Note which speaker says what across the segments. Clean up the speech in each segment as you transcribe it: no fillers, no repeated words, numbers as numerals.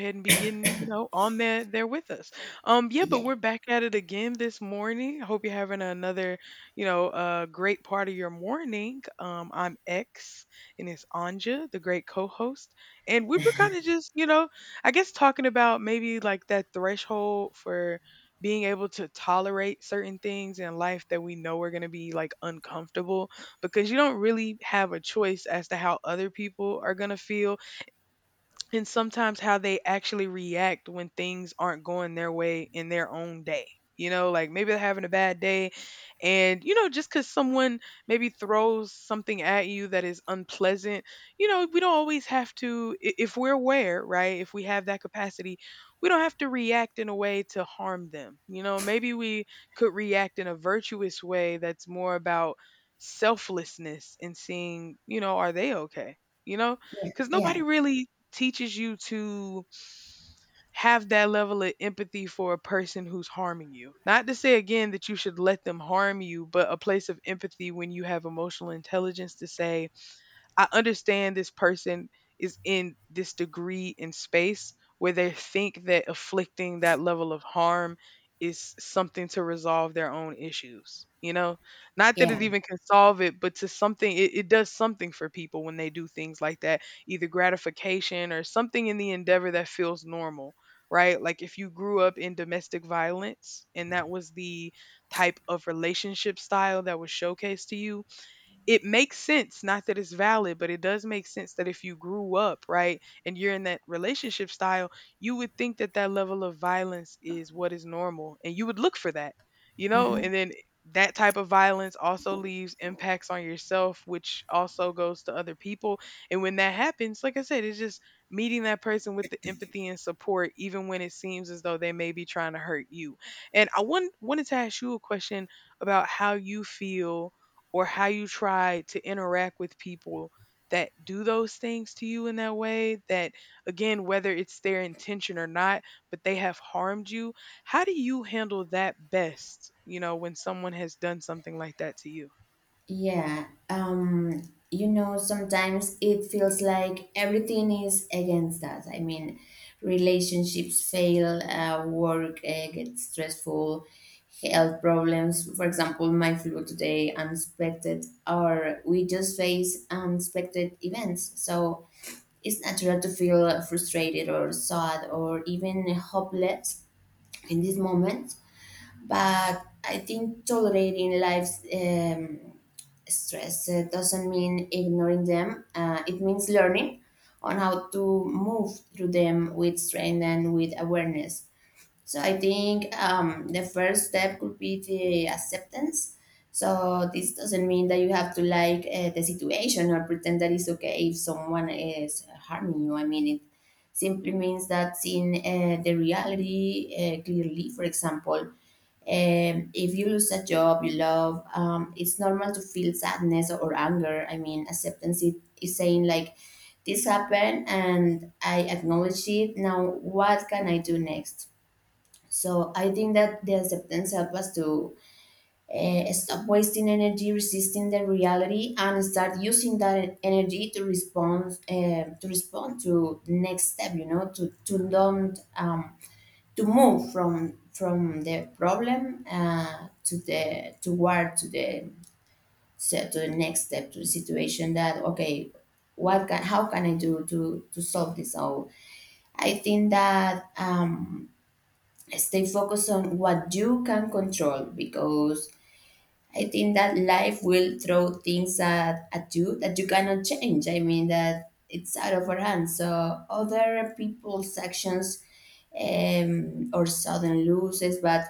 Speaker 1: Ahead and begin, on there with us. Yeah, but
Speaker 2: Yeah,
Speaker 1: we're back at it again this morning. I hope you're having another, great part of your morning. I'm X, and it's Anja, the great co-host, and we were kind of just, I guess talking about maybe like that threshold for being able to tolerate certain things in life that we know are going to be like uncomfortable because you don't really have a choice as to how other people are going to feel and sometimes how they actually react when things aren't going their way in their own day. Like maybe they're having a bad day, and just because someone maybe throws something at you that is unpleasant, we don't always have to, if we're aware, right? If we have that capacity, we don't have to react in a way to harm them. Maybe we could react in a virtuous way that's more about selflessness and seeing, are they okay? You know,
Speaker 2: yeah,
Speaker 1: because
Speaker 2: yeah,
Speaker 1: nobody really teaches you to have that level of empathy for a person who's harming you. Not to say again that you should let them harm you, but a place of empathy when you have emotional intelligence to say, I understand this person is in this degree in space where they think that afflicting that level of harm is something to resolve their own issues. Not that it
Speaker 2: yeah.
Speaker 1: even can solve it, but to something, it does something for people when they do things like that, either gratification or something in the endeavor that feels normal, right? Like if you grew up in domestic violence and that was the type of relationship style that was showcased to you, it makes sense, not that it's valid, but it does make sense that if you grew up, right, and you're in that relationship style, you would think that that level of violence is what is normal and you would look for that,
Speaker 2: Mhm.
Speaker 1: and then that type of violence also leaves impacts on yourself, which also goes to other people. And when that happens, like I said, it's just meeting that person with the empathy and support, even when it seems as though they may be trying to hurt you. And wanted to ask you a question about how you feel or how you try to interact with people that do those things to you in that way that, again, whether it's their intention or not, but they have harmed you, how do you handle that best when someone has done something like that to you?
Speaker 2: Yeah. Sometimes it feels like everything is against us. I mean, relationships fail, work gets stressful, health problems. For example, my flu today, unexpected, or we just face unexpected events. So it's natural to feel frustrated or sad or even hopeless in this moment. But I think tolerating life's stress doesn't mean ignoring them. It means learning on how to move through them with strength and with awareness. So I think the first step could be the acceptance. So this doesn't mean that you have to like the situation or pretend that it's okay if someone is harming you. I mean, it simply means that seeing the reality clearly. For example, if you lose a job you love, it's normal to feel sadness or anger. I mean, acceptance is saying like, this happened and I acknowledge it. Now, what can I do next? So I think that the acceptance helps us to stop wasting energy resisting the reality and start using that energy to respond to the next step. You know, to don't to move from the problem to the toward to the so to the next step to the situation that okay, what can, how can I do to solve this. So I think that stay focused on what you can control, because I think that life will throw things at you that you cannot change. I mean that it's out of our hands, so other people's actions, or sudden losses, but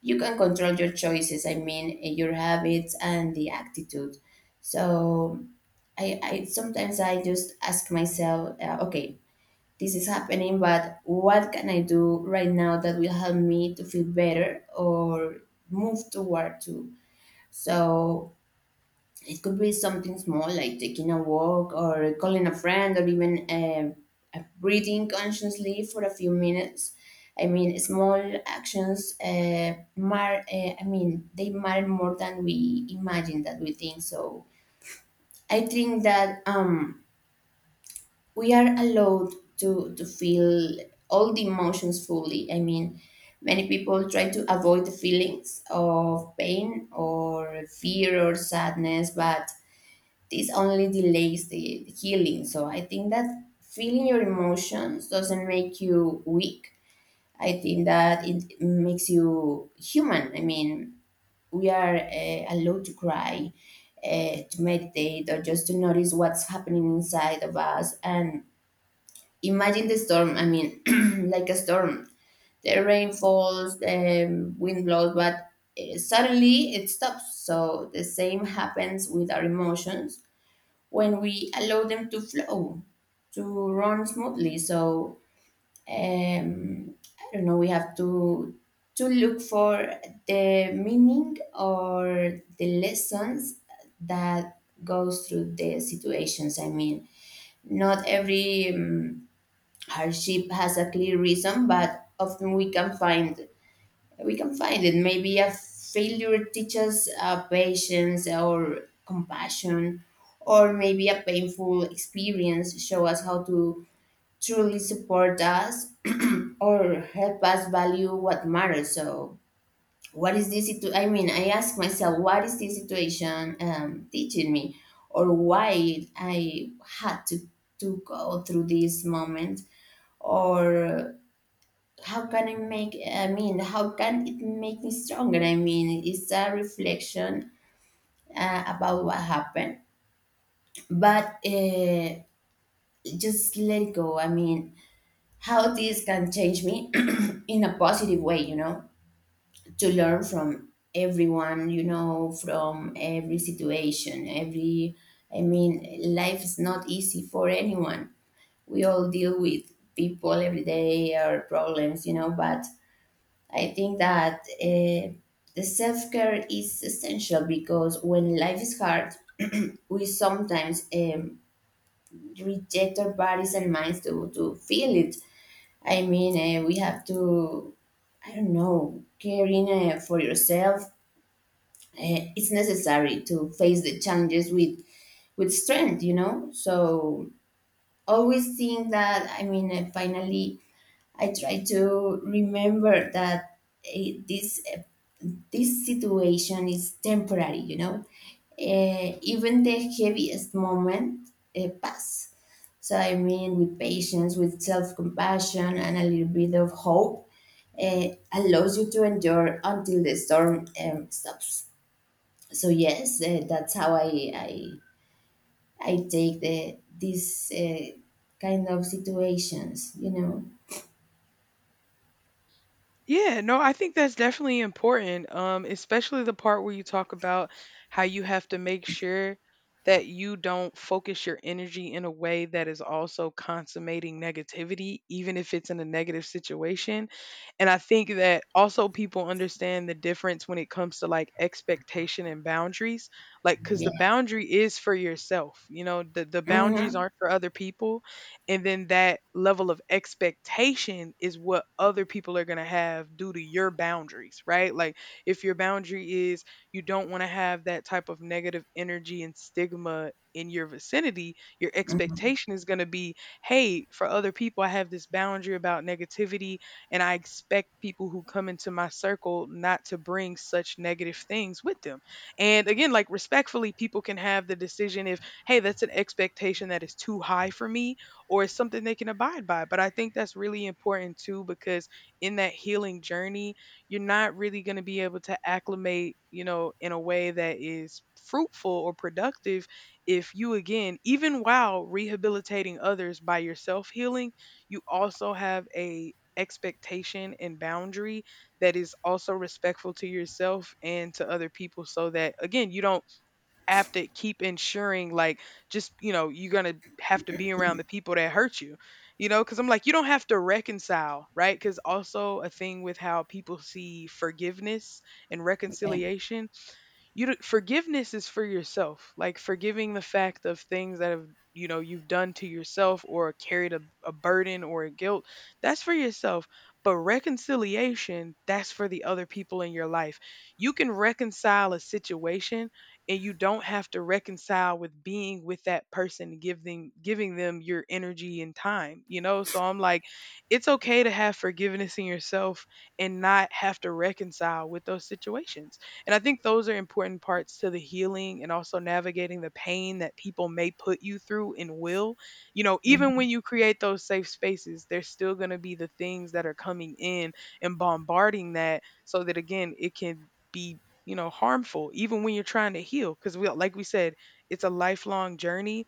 Speaker 2: you can control your choices. I mean, your habits and the attitude. So I sometimes I just ask myself, okay, this is happening, but what can I do right now that will help me to feel better or move toward to. So it could be something small like taking a walk or calling a friend or even breathing consciously for a few minutes. I mean, small actions I mean, they matter more than we imagine that we think. So I think that we are allowed to feel all the emotions fully. I mean, many people try to avoid the feelings of pain or fear or sadness, but this only delays the healing. So I think that feeling your emotions doesn't make you weak. I think that it makes you human. I mean, we are allowed to cry, to meditate, or just to notice what's happening inside of us. And imagine the storm. I mean, like a storm. The rain falls, the wind blows, but suddenly it stops. So the same happens with our emotions when we allow them to flow, to run smoothly. So um, I don't know. We have to look for the meaning or the lessons that goes through the situations. I mean, not every hardship has a clear reason, but often we can find it. Maybe a failure teaches patience or compassion, or maybe a painful experience show us how to truly support us or help us value what matters. So, what is this? I mean, I ask myself, what is this situation teaching me, or why I had to go through this moment, or how can I make, I mean, how can it make me stronger? I mean, it's a reflection about what happened, but just let it go. I mean, how this can change me in a positive way, to learn from everyone, from every situation, every, I mean, life is not easy for anyone. We all deal with people every day or problems, but I think that the self care is essential, because when life is hard, we sometimes reject our bodies and minds to feel it. I mean, we have to, I don't know, caring for yourself. It's necessary to face the challenges with strength, you know? So always think that, I mean, finally, I try to remember that eh, these this situation is temporary. You know. Even the heaviest moment pass. So I mean, with patience, with self-compassion, and a little bit of hope, uh, allows you to endure until the storm stops. So yes, that's how I take these kind of situations.
Speaker 1: Yeah, no, I think that's definitely important, especially the part where you talk about how you have to make sure that you don't focus your energy in a way that is also consummating negativity, even if it's in a negative situation. And I think that also people understand the difference when it comes to like expectation and boundaries, like because the
Speaker 2: Yeah.
Speaker 1: boundary is for yourself, the, boundaries
Speaker 2: Mm-hmm.
Speaker 1: aren't for other people. And then that level of expectation is what other people are going to have due to your boundaries, right? Like if your boundary is you don't want to have that type of negative energy and stigma in your vicinity, your
Speaker 2: Mm-hmm.
Speaker 1: expectation is going to be, hey, for other people, I have this boundary about negativity, and I expect people who come into my circle not to bring such negative things with them. And again, like, respectfully, people can have the decision if, hey, that's an expectation that is too high for me or it's something they can abide by. But I think that's really important too, because in that healing journey, you're not really going to be able to acclimate, in a way that is fruitful or productive if you, again, even while rehabilitating others by yourself healing, you also have a expectation and boundary that is also respectful to yourself and to other people, so that again you don't have to keep ensuring like, just, you're gonna have to be around the people that hurt you, you know because I'm like, you don't have to reconcile, right? Because also a thing with how people see forgiveness and
Speaker 2: Yeah.
Speaker 1: reconciliation, you do, forgiveness is for yourself, like forgiving the fact of things that have, you've done to yourself or carried a, burden or a guilt, that's for yourself. But reconciliation, that's for the other people in your life. You can reconcile a situation, and you don't have to reconcile with being with that person, giving them your energy and time, so I'm like, it's okay to have forgiveness in yourself and not have to reconcile with those situations. And I think those are important parts to the healing and also navigating the pain that people may put you through and will. You know, even
Speaker 2: Hmm.
Speaker 1: when you create those safe spaces, there's still going to be the things that are coming in and bombarding that, so that again, it can be, harmful even when you're trying to heal, because we, like we said, it's a lifelong journey,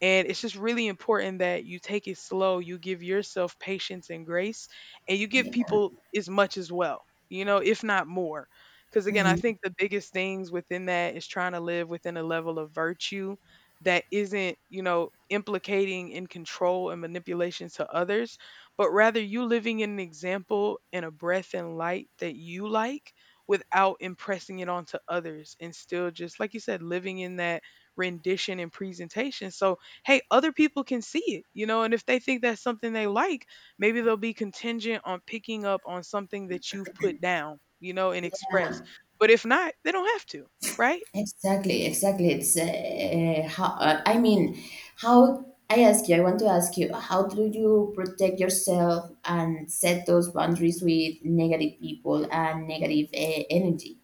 Speaker 1: and it's just really important that you take it slow, you give yourself patience and grace, and you give
Speaker 2: Yeah.
Speaker 1: people as much as well. You know, if not more, because again, I
Speaker 2: Mhm.
Speaker 1: think the biggest things within that is trying to live within a level of virtue that isn't, implicating in control and manipulation to others, but rather you living in an example and a breath and light that you like, without impressing it onto others and still just, like you said, living in that rendition and presentation. So, hey, other people can see it, and if they think that's something they like, maybe they'll be contingent on picking up on something that you've put down, and expressed. But if not, they don't have to, right?
Speaker 2: Exactly, exactly. It's how I mean, how I ask you, I want to ask you, how do you protect yourself and set those boundaries with negative people and negative energy?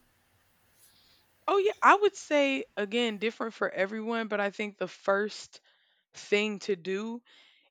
Speaker 1: Oh yeah, I would say, again, different for everyone, but I think the first thing to do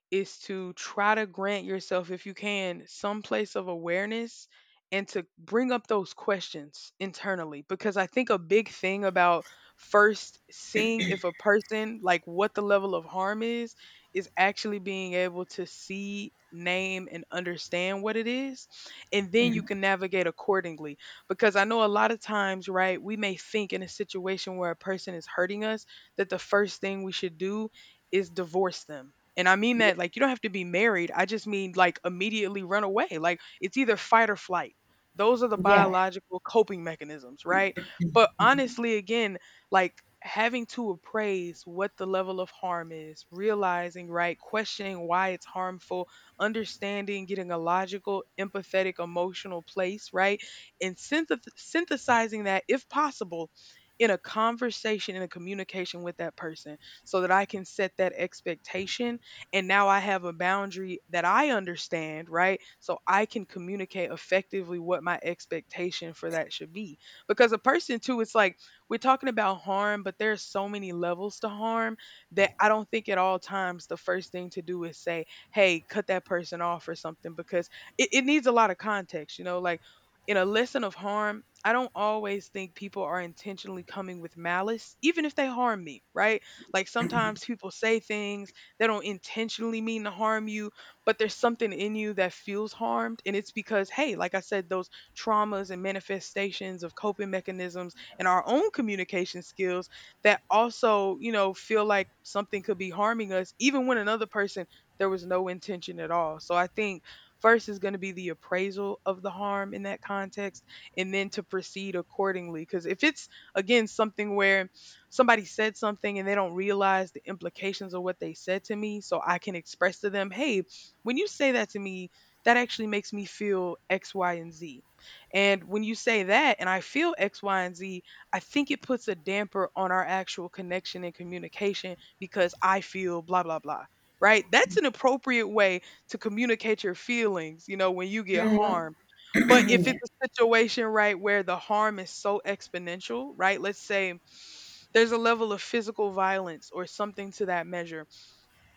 Speaker 1: is to try to grant yourself, if you can, some place of awareness and to bring up those questions internally. Because I think a big thing about first seeing if a person, like what the level of harm is actually being able to see, name, and understand what it is. And then you can navigate accordingly. Because I know a lot of times, right, we may think in a situation where a person is hurting us that the first thing we should do is divorce them, and I mean that like you don't have to be married. I just mean like immediately run away. Like it's either fight or flight. Those are the
Speaker 2: Yeah.
Speaker 1: biological coping mechanisms, right? But
Speaker 2: Mhm.
Speaker 1: honestly, again, like, having to appraise what the level of harm is, realizing, right, questioning why it's harmful, understanding, getting a logical, empathetic, emotional place, right? And synthesizing that, if possible, in a conversation, in a communication with that person, so that I can set that expectation and now I have a boundary that I understand, right? So I can communicate effectively what my expectation for that should be. Because a person too, it's like, we're talking about harm, but there's so many levels to harm that I don't think at all times the first thing to do is say, hey, cut that person off or something, because it needs a lot of context, like, in a lesson of harm, I don't always think people are intentionally coming with malice, even if they harm me, right? Like sometimes people say things they don't intentionally mean to harm you, but there's something in you that feels harmed. And it's because, hey, like I said, those traumas and manifestations of coping mechanisms and our own communication skills that also, feel like something could be harming us, even when another person, there was no intention at all. So I think first is going to be the appraisal of the harm in that context and then to proceed accordingly. Because if it's, again, something where somebody said something and they don't realize the implications of what they said to me, so I can express to them, hey, when you say that to me, that actually makes me feel X, Y, and Z, and when you say that and I feel X, Y, and Z, I think it puts a damper on our actual connection and communication because I feel blah blah blah, right? That's an appropriate way to communicate your feelings when you get harmed. But if
Speaker 2: Yeah.
Speaker 1: it's a situation, right, where the harm is so exponential, right, let's say there's a level of physical violence or something to that measure.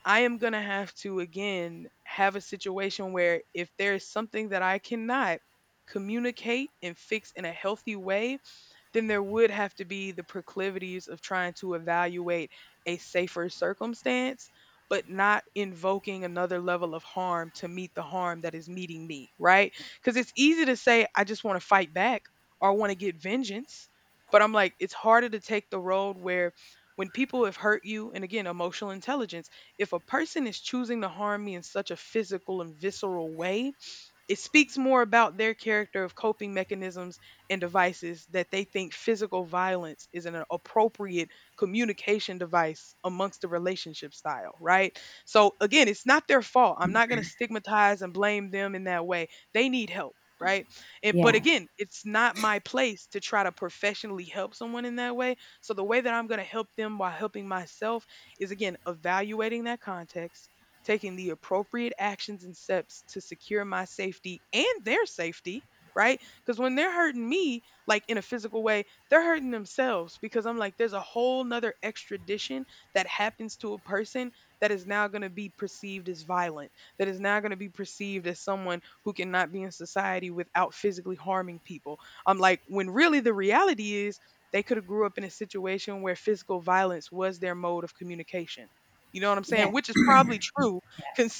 Speaker 1: I am going to have to, again, have a situation where if there is something that I cannot communicate and fix in a healthy way, then there would have to be the proclivities of trying to evaluate a safer circumstance, but not invoking another level of harm to meet the harm that is meeting me, right? Because it's easy to say, I just want to fight back or I want to get vengeance. But I'm like, it's harder to take the road where when people have hurt you, and again, emotional intelligence, if a person is choosing to harm me in such a physical and visceral way, it speaks more about their character of coping mechanisms and devices that they think physical violence is an appropriate communication device amongst the relationship style, right? So again, it's not their fault. I'm not going to stigmatize and blame them in that way. They need help, right? And, but
Speaker 2: Yeah.
Speaker 1: again, it's not my place to try to professionally help someone in that way. So the way that I'm going to help them while helping myself is again evaluating that context, taking the appropriate actions and steps to secure my safety and their safety, right? Because when they're hurting me, like in a physical way, they're hurting themselves because I'm like, there's a whole nother extradition that happens to a person that is now going to be perceived as violent, that is now going to be perceived as someone who cannot be in society without physically harming people. I'm like, when really the reality is, they could have grew up in a situation where physical violence was their mode of communication, you know what I'm
Speaker 2: Yeah.
Speaker 1: saying? Which is probably true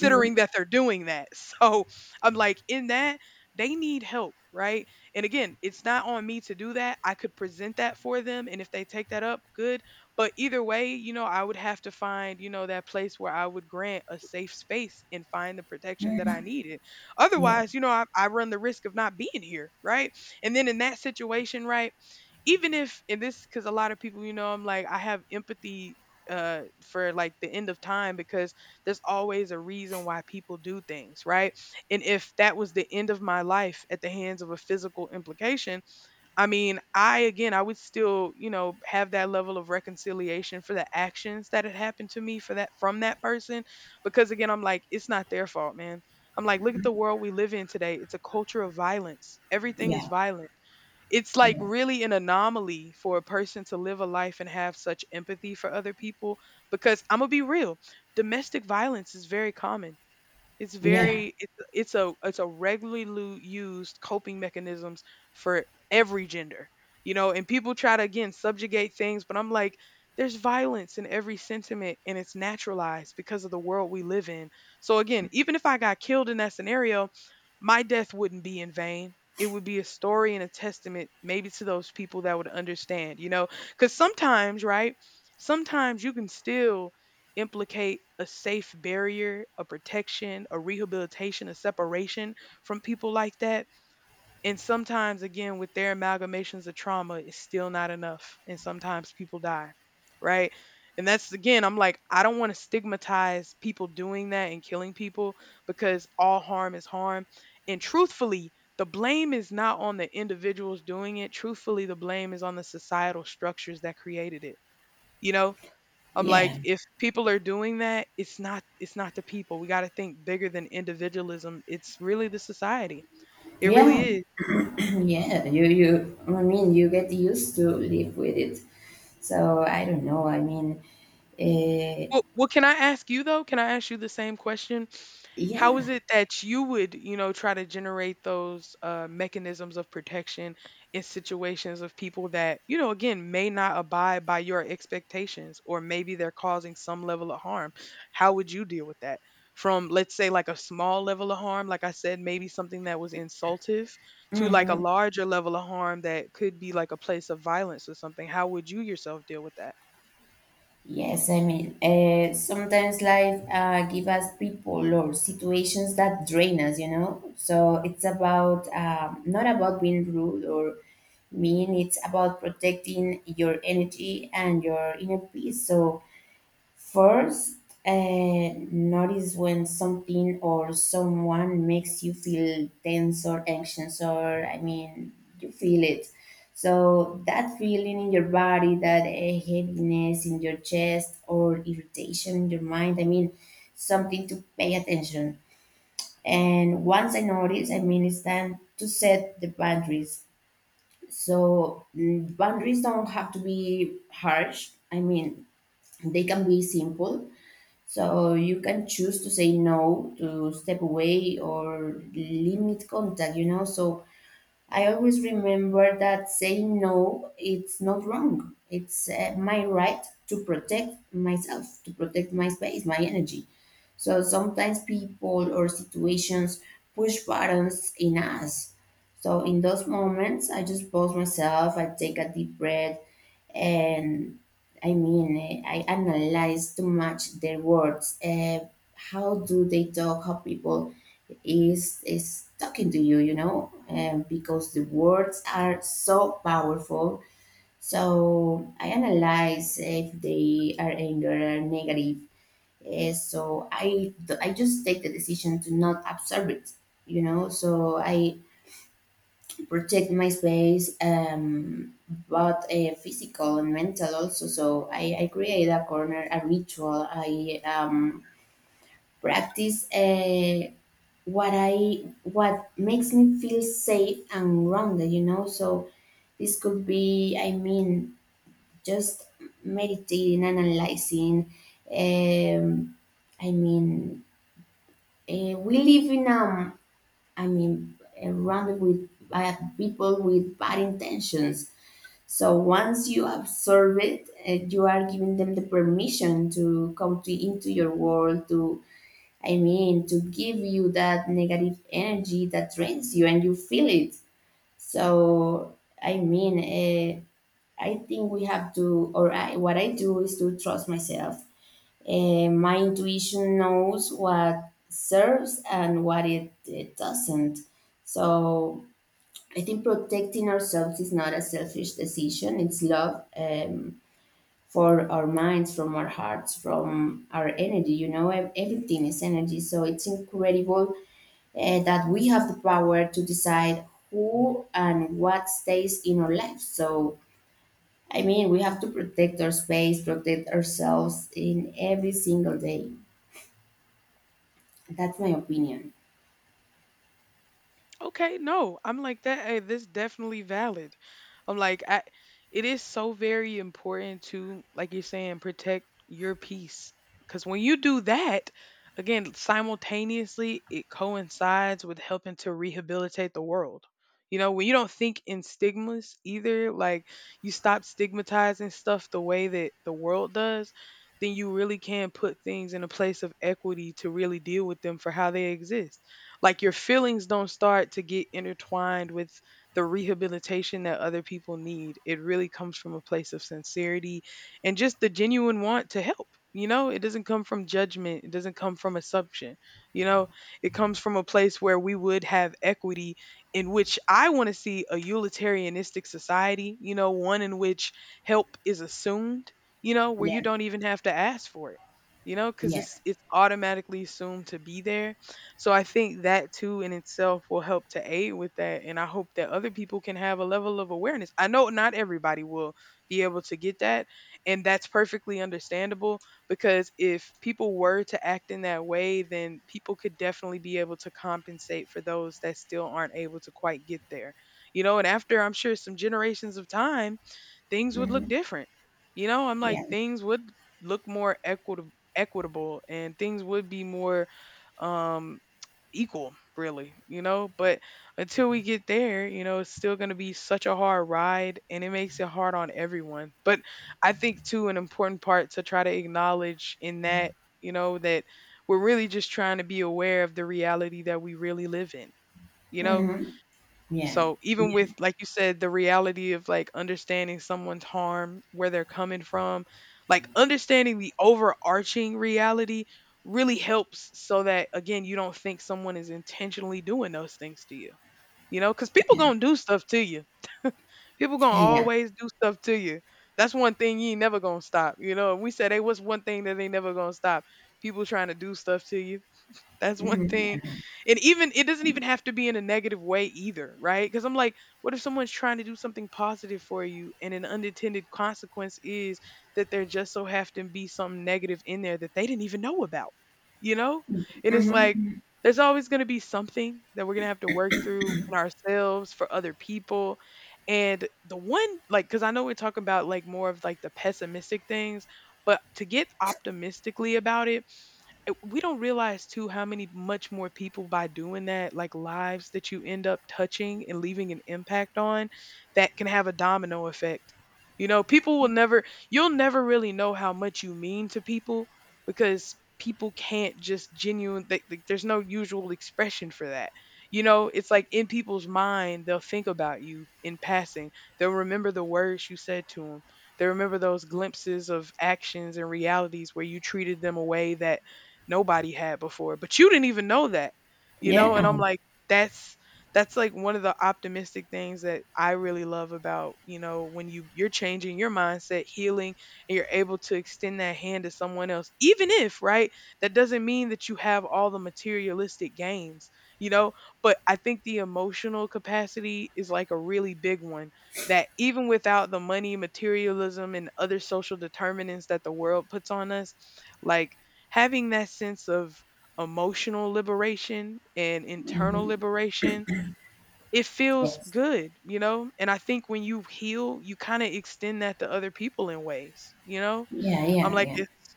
Speaker 2: Mhm.
Speaker 1: that they're doing that. So I'm like, in that, they need help, right? And again, it's not on me to do that. I could present that for them. And if they take that up, good. But either way, you know, I would have to find, you know, that place where I would grant a safe space and find the protection that I needed.
Speaker 2: Yeah.
Speaker 1: Otherwise, you know, I run the risk of not being here, right? And then in that situation, right? Even if, and this, because a lot of people, you know, I'm like, I have empathy for like the end of time because there's always a reason why people do things, right? And if that was the end of my life at the hands of a physical implication, I mean, I again, I would still, you know, have that level of reconciliation for the actions that had happened to me for that, from that person. Because again, I'm like, it's not their fault, man. I'm like, look at the world we live in today. It's a culture of violence. Everything is
Speaker 2: Yeah.
Speaker 1: violent. It's like
Speaker 2: Yeah.
Speaker 1: really an anomaly for a person to live a life and have such empathy for other people. Because I'm gonna be real, domestic violence is very common. It's
Speaker 2: Yeah.
Speaker 1: very, it's a regularly used coping mechanisms for every gender. You know, and people try to again subjugate things, but I'm like, there's violence in every sentiment and it's naturalized because of the world we live in. So again, even if I got killed in that scenario, my death wouldn't be in vain. It would be a story and a testament maybe to those people that would understand, you know? Cuz sometimes, right? Sometimes you can still implicate a safe barrier, a protection, a rehabilitation, a separation from people like that. And sometimes, again, with their amalgamations of trauma, it's still not enough. And sometimes people die, right? And that's again, I'm like, I don't want to stigmatize people doing that and killing people because all harm is harm. And truthfully, the blame is not on the individuals doing it. Truthfully, the blame is on the societal structures that created it. You know, I'm like,
Speaker 2: Yeah.
Speaker 1: if people are doing that, it's not the people. We got to think bigger than individualism. It's really the society. It
Speaker 2: Yeah.
Speaker 1: really is.
Speaker 2: Yeah. You I mean, you get used to live with it. So I don't know. I mean, uh,
Speaker 1: Well, can I ask you though? Can I ask you the same question? How is
Speaker 2: yeah.
Speaker 1: it that you would, you know, try to generate those mechanisms of protection in situations of people that, you know, again, may not abide by your expectations, or maybe they're causing some level of harm? How would you deal with that? From, let's say, like a small level of harm, like I said, maybe something that was insultive, to like a
Speaker 2: Mm-hmm.
Speaker 1: larger level of harm that could be like a place of violence or something. How would you yourself deal with that?
Speaker 2: Yes, I mean, sometimes life give us people or situations that drain us. So it's about not about being rude or mean. It's about protecting your energy and your inner peace. So first, notice when something or someone makes you feel tense or anxious, or I mean, you feel it. So, that feeling in your body, that heaviness in your chest, or irritation in your mind, I mean, something to pay attention. And once I notice, I mean, it's time to set the boundaries. So, boundaries don't have to be harsh. I mean, they can be simple, so you can choose to say no, to step away, or limit contact. So I always remember that saying no, it's not wrong. It's my right to protect myself, to protect my space, my energy. So sometimes people or situations push buttons in us. So in those moments, I just pause myself, I take a deep breath, and I mean, I analyze too much their words. How do they talk? How people is talking to you, you know and because the words are so powerful. So I analyze if they are anger or negative. So I just take the decision to not absorb it, so I protect my space, but physical and mental also. So I create a corner, a ritual. I practice what I what makes me feel safe and grounded. So this could be, I mean, just meditating, analyzing. Um, I mean, we live in, I mean, around with bad people with bad intentions. So once you observe it, you are giving them the permission to come to into your world to give you that negative energy that drains you and you feel it. So, I mean, I think we have to, or I, what I do is to trust myself. My intuition knows what serves and what it doesn't. So, I think protecting ourselves is not a selfish decision, it's love. For our minds, from our hearts, from our energy. You know, everything is energy. So it's incredible that we have the power to decide who and what stays in our lives. So, I mean, we have to protect our space, protect ourselves in every single day. That's my opinion.
Speaker 1: Okay, no, I'm like that. Hey, this definitely valid. I'm like, I, it is so very important to, like you're saying, protect your peace. Because when you do that, again, simultaneously, it coincides with helping to rehabilitate the world. You know, when you don't think in stigmas either, like you stop stigmatizing stuff the way that the world does, then you really can put things in a place of equity to really deal with them for how they exist. Like your feelings don't start to get intertwined with the rehabilitation that other people need. It really comes from a place of sincerity and just the genuine want to help. You know, it doesn't come from judgment, it doesn't come from assumption. You know, it comes from a place where we would have equity in which I want to see a utilitarianistic society, you know, one in which help is assumed, you know, where you
Speaker 2: Yeah,
Speaker 1: don't even have to ask for it, you know, because
Speaker 2: yeah.
Speaker 1: it's automatically assumed to be there, so I think that too in itself will help to aid with that. And I hope that other people can have a level of awareness. I know not everybody will be able to get that. And that's perfectly understandable, because if people were to act in that way, then people could definitely be able to compensate for those that still aren't able to quite get there. You know, and after I'm sure some generations of time, things would
Speaker 2: Hmm.
Speaker 1: look different. You know, I'm like,
Speaker 2: Yeah.
Speaker 1: things would look more equitable, and things would be more um equal, really, you know. But until we get there, you know, it's still going to be such a hard ride and it makes it hard on everyone. But I think too an important part to try to acknowledge in that, you know, that we're really just trying to be aware of the reality that we really live in, you know?
Speaker 2: Hmm. Yeah,
Speaker 1: So even
Speaker 2: yeah,
Speaker 1: with, like you said, the reality of like understanding someone's harm, where they're coming from, like understanding the overarching reality really helps so that again you don't think someone is intentionally doing those things to you. You know, because people
Speaker 2: yeah,
Speaker 1: gonna do stuff to you. People gonna
Speaker 2: yeah.
Speaker 1: always do stuff to you. That's one thing you ain't never gonna stop. You know, we said, hey, what's one thing that ain't never gonna stop? People trying to do stuff to you, that's one
Speaker 2: Hmm.
Speaker 1: thing.
Speaker 2: Yeah.
Speaker 1: And even it doesn't even have to be in a negative way either, right? Because I'm like, what if someone's trying to do something positive for you and an unintended consequence is that there just so happened to be some negative in there that they didn't even know about, you know? And it's like,
Speaker 2: Hmm.
Speaker 1: there's always going to be something that we're going to have to work through in ourselves for other people. And the one, like, because I know we're talking about like more of like the pessimistic things, but to get optimistically about it, we don't realize too how many much more people by doing that, like lives that you end up touching and leaving an impact on that can have a domino effect. You know, people will never, you'll never really know how much you mean to people because people can't just genuine, there's no usual expression for that. You know, it's like in people's mind, they'll think about you in passing. They'll remember the words you said to them. They remember those glimpses of actions and realities where you treated them a way that nobody had before, but you didn't even know that, you
Speaker 2: Yeah.
Speaker 1: know? And I'm like, that's that's like one of the optimistic things that I really love about, you know, when you're changing your mindset, healing, and you're able to extend that hand to someone else, even if, right? That doesn't mean that you have all the materialistic gains, you know? But I think the emotional capacity is like a really big one that even without the money, materialism, and other social determinants that the world puts on us, like having that sense of emotional liberation and internal
Speaker 2: Mhm.
Speaker 1: liberation, it feels
Speaker 2: Yes.
Speaker 1: good, you know? And I think when you heal, you kind of extend that to other people in ways, you know?
Speaker 2: Yeah,
Speaker 1: I'm like,
Speaker 2: yeah,
Speaker 1: it's,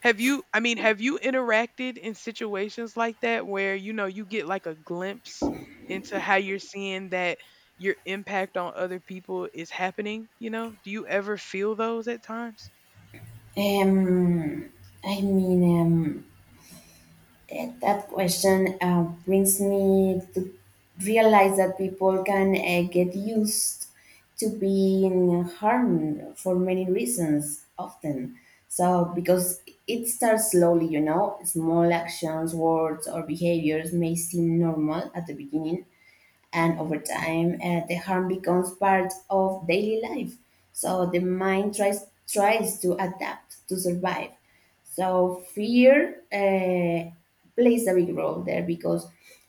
Speaker 1: have you interacted in situations like that where, you know, you get like a glimpse into how you're seeing that your impact on other people is happening, you know? Do you ever feel those at times?
Speaker 2: yeah. I mean, that question brings me to realize that people can get used to being harmed for many reasons often. So, because it starts slowly, you know, small actions, words, or behaviors may seem normal at the beginning, and
Speaker 1: hmm
Speaker 2: over time the harm becomes part of daily life. So the mind tries to adapt to survive. So fear plays a big role there, because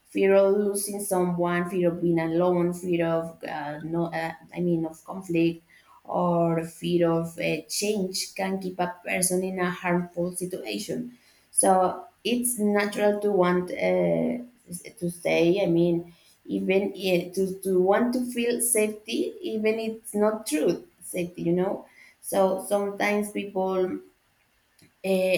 Speaker 2: fear of losing someone, fear of being alone, fear of no I mean of conflict, or fear of change can keep a person in a harmful situation. So it's natural to want to stay. I mean, even to want to feel safety, even it's not true safety. So sometimes people uh,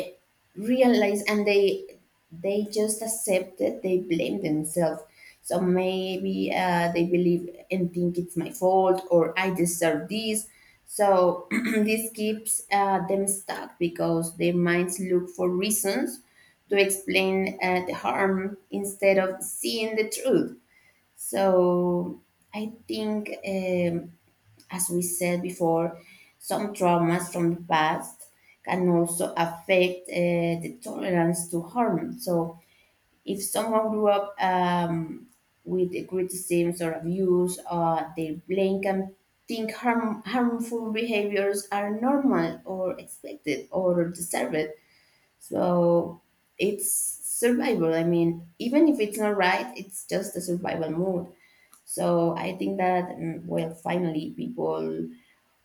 Speaker 2: realize, and they just accept it, they blame themselves. So maybe they believe and think, it's my fault, or I deserve this. So this keeps them stuck, because their minds look for reasons to explain the harm instead of seeing the truth. So I think as we said before, some traumas from the past can also affect the tolerance to harm. So, if someone grew up with the criticisms or abuse, they blame can think harmful behaviors are normal or expected or deserved. So, it's survival. I mean, even if it's not right, it's just a survival mode. So I think that, well, finally, people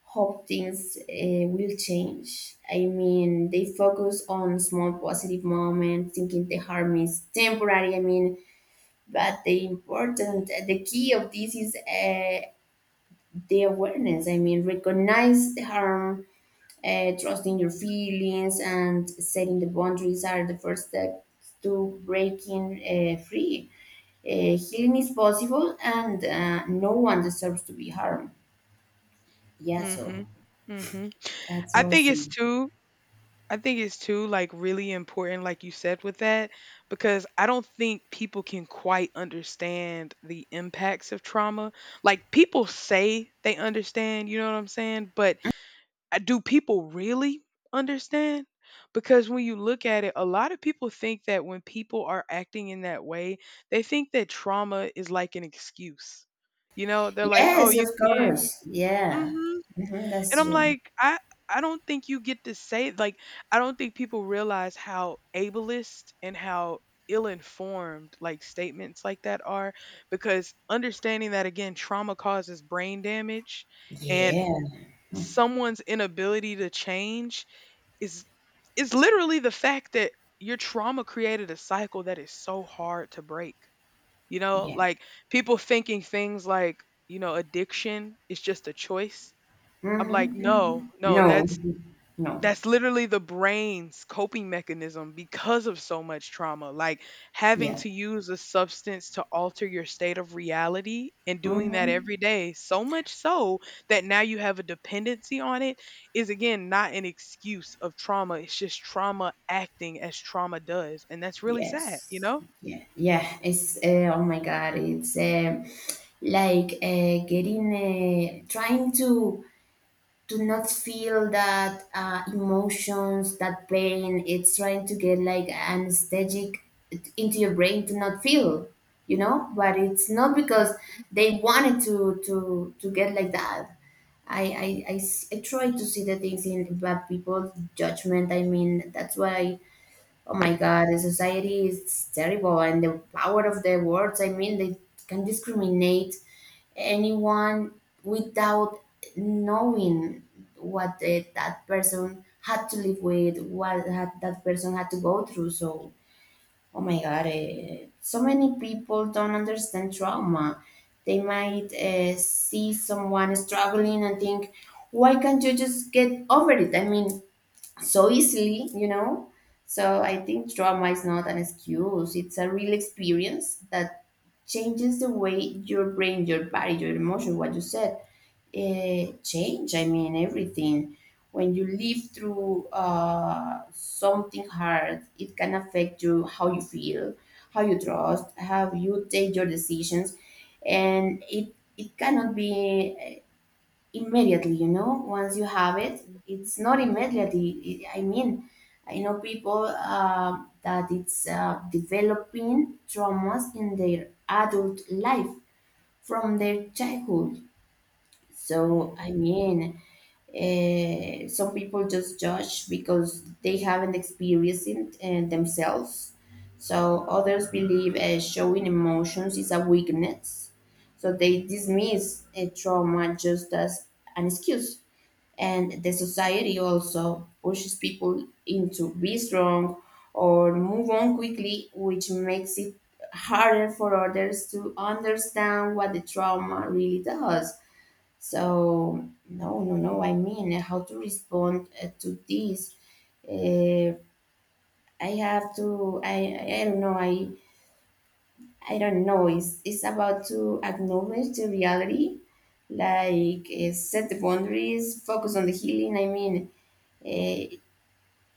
Speaker 2: hope things will change. I mean, they focus on small positive moments, thinking the harm is temporary. I mean, but the key of this is the awareness. I mean, recognize the harm, trusting your feelings, and setting the boundaries are the first step to breaking free. Healing is possible, and no one deserves to be harmed. Yeah, so
Speaker 1: hmm hmm
Speaker 2: that's
Speaker 1: I
Speaker 2: how I
Speaker 1: think it's
Speaker 2: see.
Speaker 1: too I think it's too like really important, like you said with that, because I don't think people can quite understand the impacts of trauma. Like people say they understand, you know what I'm saying? But do people really understand? Because when you look at it, a lot of people think that when people are acting in that way, they think that trauma is like an excuse. You know, they're like, oh,
Speaker 2: Yes,
Speaker 1: you
Speaker 2: of
Speaker 1: can't.
Speaker 2: course. Yeah.
Speaker 1: Mhm.
Speaker 2: Mhm,
Speaker 1: And
Speaker 2: that's
Speaker 1: I'm
Speaker 2: true.
Speaker 1: like, I don't think you get to say like I don't think people realize how ableist and how ill-informed like statements like that are, because understanding that, again, trauma causes brain damage, and
Speaker 2: Yeah.
Speaker 1: someone's inability to change is is literally the fact that your trauma created a cycle that is so hard to break. You know,
Speaker 2: Yeah.
Speaker 1: like people thinking things like, you know, addiction is just a choice. I'm like,
Speaker 2: Mhm,
Speaker 1: no,
Speaker 2: mhm. No.
Speaker 1: that's
Speaker 2: Mhm. No.
Speaker 1: literally the brain's coping mechanism because of so much trauma. Like having
Speaker 2: Yeah.
Speaker 1: to use a substance to alter your state of reality and doing that
Speaker 2: Mhm.
Speaker 1: every day, so much so that now you have a dependency on it, is again not an excuse of trauma. It's just trauma acting as trauma does. And that's really sad, you
Speaker 2: Yes.
Speaker 1: know?
Speaker 2: Yeah. Yeah. It's oh my God. It's like getting, trying to not feel that emotions, that pain. It's trying to get like anesthetic into your brain to not feel. But it's not because they wanted to get like that. I try to see the things in bad people's judgment. I mean, that's why. Oh my God, the society is terrible, and the power of their words. I mean, they can discriminate anyone without knowing that person had to live with, that person had to go through. So, oh my God, so many people don't understand trauma. They might see someone struggling and think, why can't you just get over it? I mean, so easily, you know? So I think trauma is not an excuse. It's a real experience that changes the way your brain, your body, your emotion, what you said, change. I mean, everything. When you live through something hard, it can affect you, how you feel, how you trust, how you take your decisions, and it cannot be immediately, once you have it,
Speaker 1: Mhm.
Speaker 2: it's not immediately. I mean, I know people uh, that it's developing traumas in their adult life from their childhood. So, I mean, some people just judge because they haven't experienced it themselves. So others believe showing emotions is a weakness, so they dismiss a trauma just as an excuse. And the society also pushes people into be strong or move on quickly, which makes it harder for others to understand what the trauma really does. So, no, no, no, I mean, how to respond to this. uh, I don't know. I don't know, it's about to acknowledge the reality, like set the boundaries, focus on the healing. I mean, uh,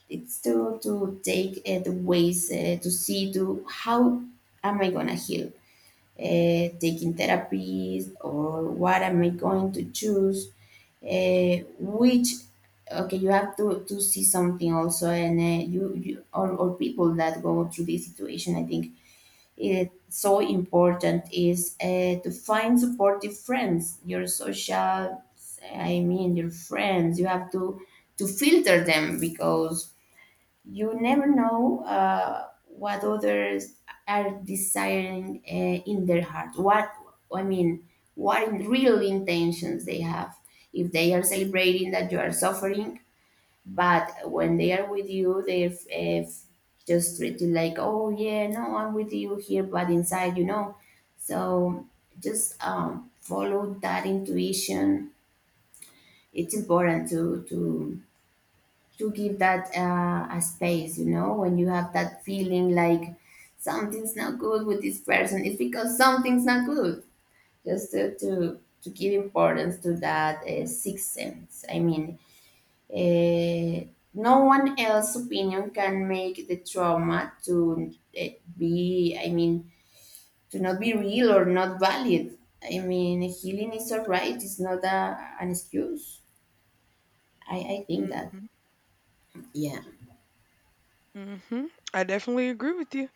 Speaker 2: it's to take the ways to see to how am I gonna heal, taking therapies or what am I going to choose, which, okay, you have to see something also. And you, you or people that go through this situation, I think it's so important is to find supportive friends, your social, I mean, your friends. You have to filter them because you never know what others are desiring in their heart. What I mean, what in real intentions they have. If they are celebrating that you are suffering, but when they are with you, they just treat you like, oh yeah, no, I'm with you here, but inside. So just follow that intuition. It's important to give that a space, when you have that feeling like something's not good with this person, it's because something's not good. Just to give importance to that sixth sense. I mean, uh, no one else's opinion can make the trauma to uh, be, I mean, to not be real or not valid. I mean, healing is all right. It's not an excuse, I think that,
Speaker 1: Mhm.
Speaker 2: yeah.
Speaker 1: Mhm. I definitely agree with you.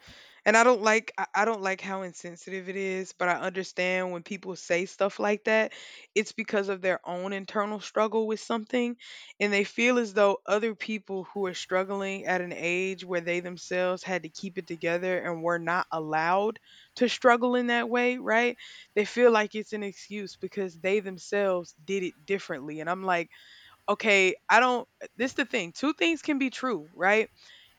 Speaker 1: And I don't like how insensitive it is, but I understand when people say stuff like that, it's because of their own internal struggle with something, and they feel as though other people who are struggling at an age where they themselves had to keep it together and were not allowed to struggle in that way, right? They feel like it's an excuse because they themselves did it differently. And I'm like, okay, I don't, this the thing. Two things can be true, right?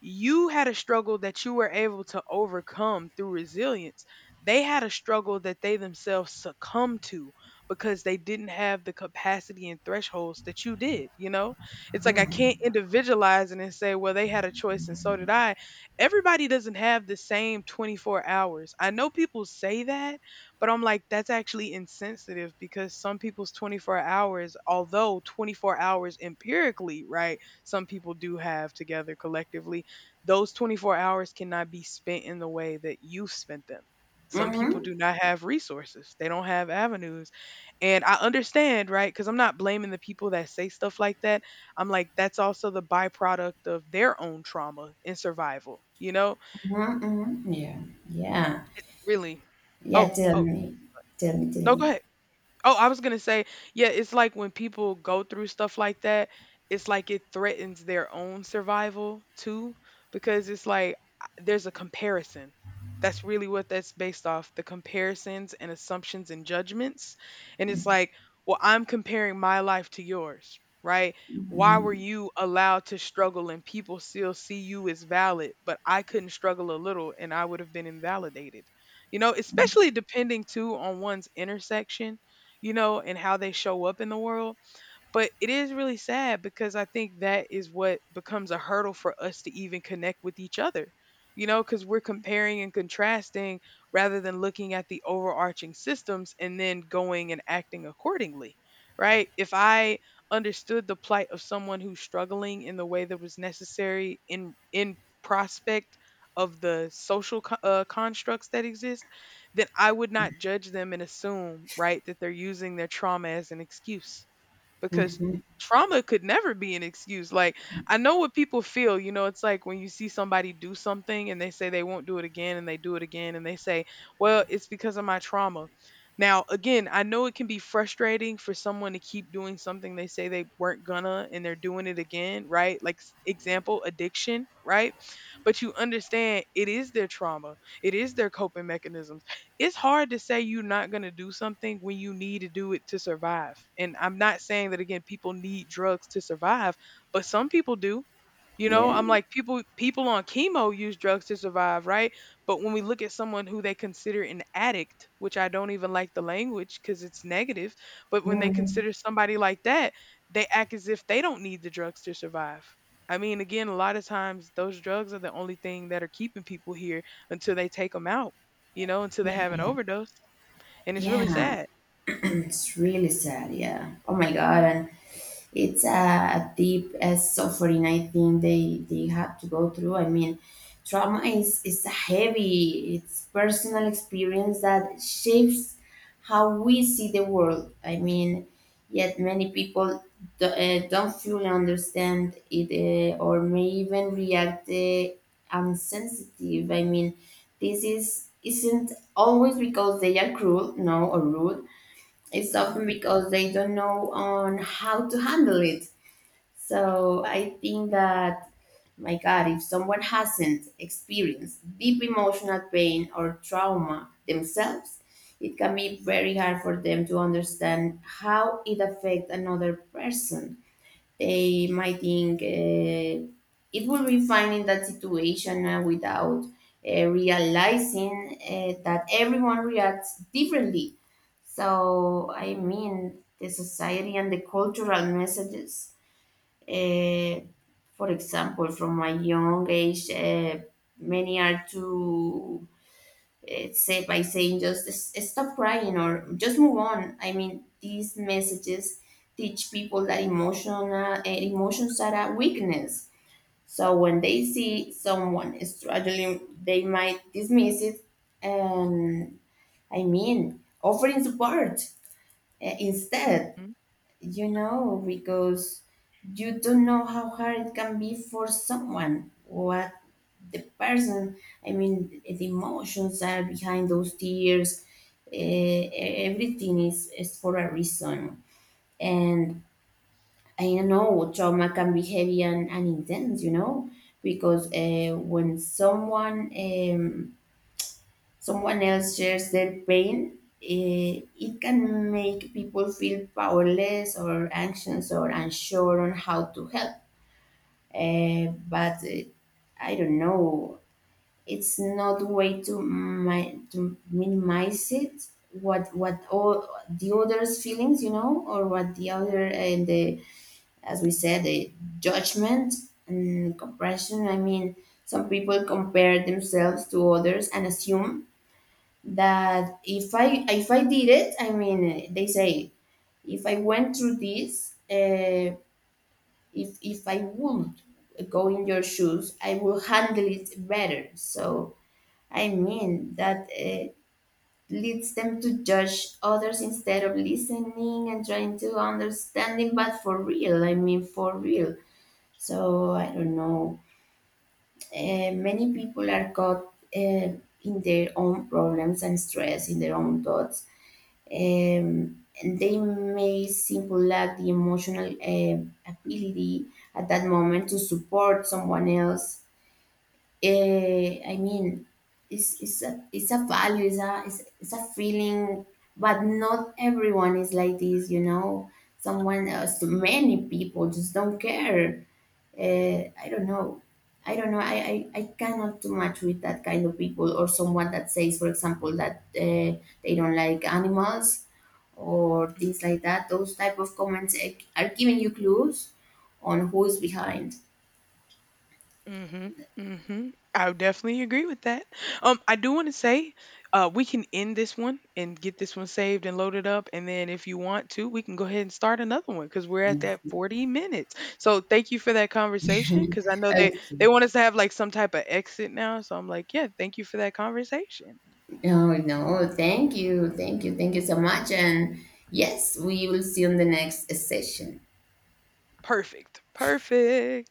Speaker 1: You had a struggle that you were able to overcome through resilience. They had a struggle that they themselves succumbed to because they didn't have the capacity and thresholds that you did, you know? It's like I can't individualize it and say, well, they had a choice and so did I. Everybody doesn't have the same 24 hours. I know people say that, but I'm like, that's actually insensitive because some people's 24 hours, although 24 hours empirically, right, some people do have together collectively, those 24 hours cannot be spent in the way that you've spent them. Some people
Speaker 2: Mm-hmm.
Speaker 1: do not have resources, they don't have avenues. And I understand, right, because I'm not blaming the people that say stuff like that. I'm like, that's also the byproduct of their own trauma and survival, you know?
Speaker 2: Mhm, mhm. Yeah, yeah.
Speaker 1: It's really,
Speaker 2: Yeah,
Speaker 1: oh,
Speaker 2: tell
Speaker 1: oh,
Speaker 2: me. Tell me, tell
Speaker 1: no, go
Speaker 2: me.
Speaker 1: ahead. Oh, I was gonna say, yeah, it's like when people go through stuff like that, it's like it threatens their own survival too, because it's like there's a comparison. That's really what that's based off, the comparisons and assumptions and judgments. And it's like, well, I'm comparing my life to yours, right? Why were
Speaker 2: Mhm.
Speaker 1: you allowed to struggle and people still see you as valid, but I couldn't struggle a little and I would have been invalidated? You know, especially depending too on one's intersection, you know, and how they show up in the world. But it is really sad because I think that is what becomes a hurdle for us to even connect with each other, you know, because we're comparing and contrasting rather than looking at the overarching systems and then going and acting accordingly, right? If I understood the plight of someone who's struggling in the way that was necessary in prospect of the constructs that exist, then I would not judge them and assume, right, that they're using their trauma as an excuse, because trauma could never be an excuse. Like, I know what people feel, you know, it's like when you see somebody do something and they say they won't do it again and they do it again and they say, well, it's because of my trauma. Now, again, I know it can be frustrating for someone to keep doing something they say they weren't gonna and they're doing it again, right? Like, example, addiction, right? But you understand it is their trauma, it is their coping mechanism. It's hard to say you're not going to do something when you need to do it to survive. And I'm not saying that again people need drugs to survive, but some people do. You know,
Speaker 2: Yeah.
Speaker 1: I'm like, people on chemo use drugs to survive, right? But when we look at someone who they consider an addict, which I don't even like the language because it's negative, but when they
Speaker 2: Mhm.
Speaker 1: consider somebody like that, they act as if they don't need the drugs to survive. I mean, again, a lot of times those drugs are the only thing that are keeping people here until they take them out, you know, until they
Speaker 2: Yeah,
Speaker 1: have an
Speaker 2: yeah.
Speaker 1: overdose, and it's really
Speaker 2: Yeah.
Speaker 1: sad.
Speaker 2: It's really sad, yeah. Oh my God. And it's a deep suffering, I think they have to go through. I mean, trauma is heavy. It's personal experience that shapes how we see the world. I mean, yet many people don't fully understand it, or may even react unsensitive. I mean, this is isn't always because they are cruel, no, or rude. It's
Speaker 1: hmm
Speaker 2: often because they don't know on how to handle it. So I think that, my God, if someone hasn't experienced deep emotional pain or trauma themselves, it can be very hard for them to understand how it affects another person. They might think it will be fine in that situation without realizing that everyone reacts differently. So, I mean, the society and the cultural messages, uh, for example, from my young age, many are too say by saying just stop crying or just move on." I mean, these messages teach people that emotional emotions are a weakness. So when they see someone is struggling, they might dismiss it. Um, I mean, offering support instead,
Speaker 1: hmm
Speaker 2: because you don't know how hard it can be for someone. What the person, I mean, the emotions that are behind those tears, uh, everything is for a reason. And I know trauma can be heavy and intense, because when someone else shares their pain, uh, it can make people feel powerless or anxious or unsure on how to help, but I don't know. It's not way to minimize it, what all the others feelings, or what the other, and the, as we said, the judgment and compression. I mean, some people compare themselves to others and assume that if I did it, I mean, they say, if I went through this, if I would go in your shoes, I will handle it better. So, I mean, that leads them to judge others instead of listening and trying to understanding, but for real, I mean, for real. So I don't know. Many people are caught uh, in their own problems and stress, in their own thoughts. And they may simply lack the emotional ability at that moment to support someone else. I mean, it's it's a value, it's a feeling, but not everyone is like this. Someone else, many people just don't care. I don't know. I don't know. I cannot do much with that kind of people or someone that says, for example, that they don't like animals or things like that. Those type of comments, are giving you clues on who is behind.
Speaker 1: Mm-hmm. Mm-hmm. I would definitely agree with that. I do want to say, we can end this one and get this one saved and loaded up, and then if you want to, we can go ahead and start another one because we're at that 40 minutes. So thank you for that conversation because I know
Speaker 2: Okay.
Speaker 1: they want us to have like some type of exit now. So I'm like, yeah, thank you for that conversation.
Speaker 2: Oh, no, thank you. Thank you. Thank you so much. And yes, we will see you on the next session.
Speaker 1: Perfect. Perfect.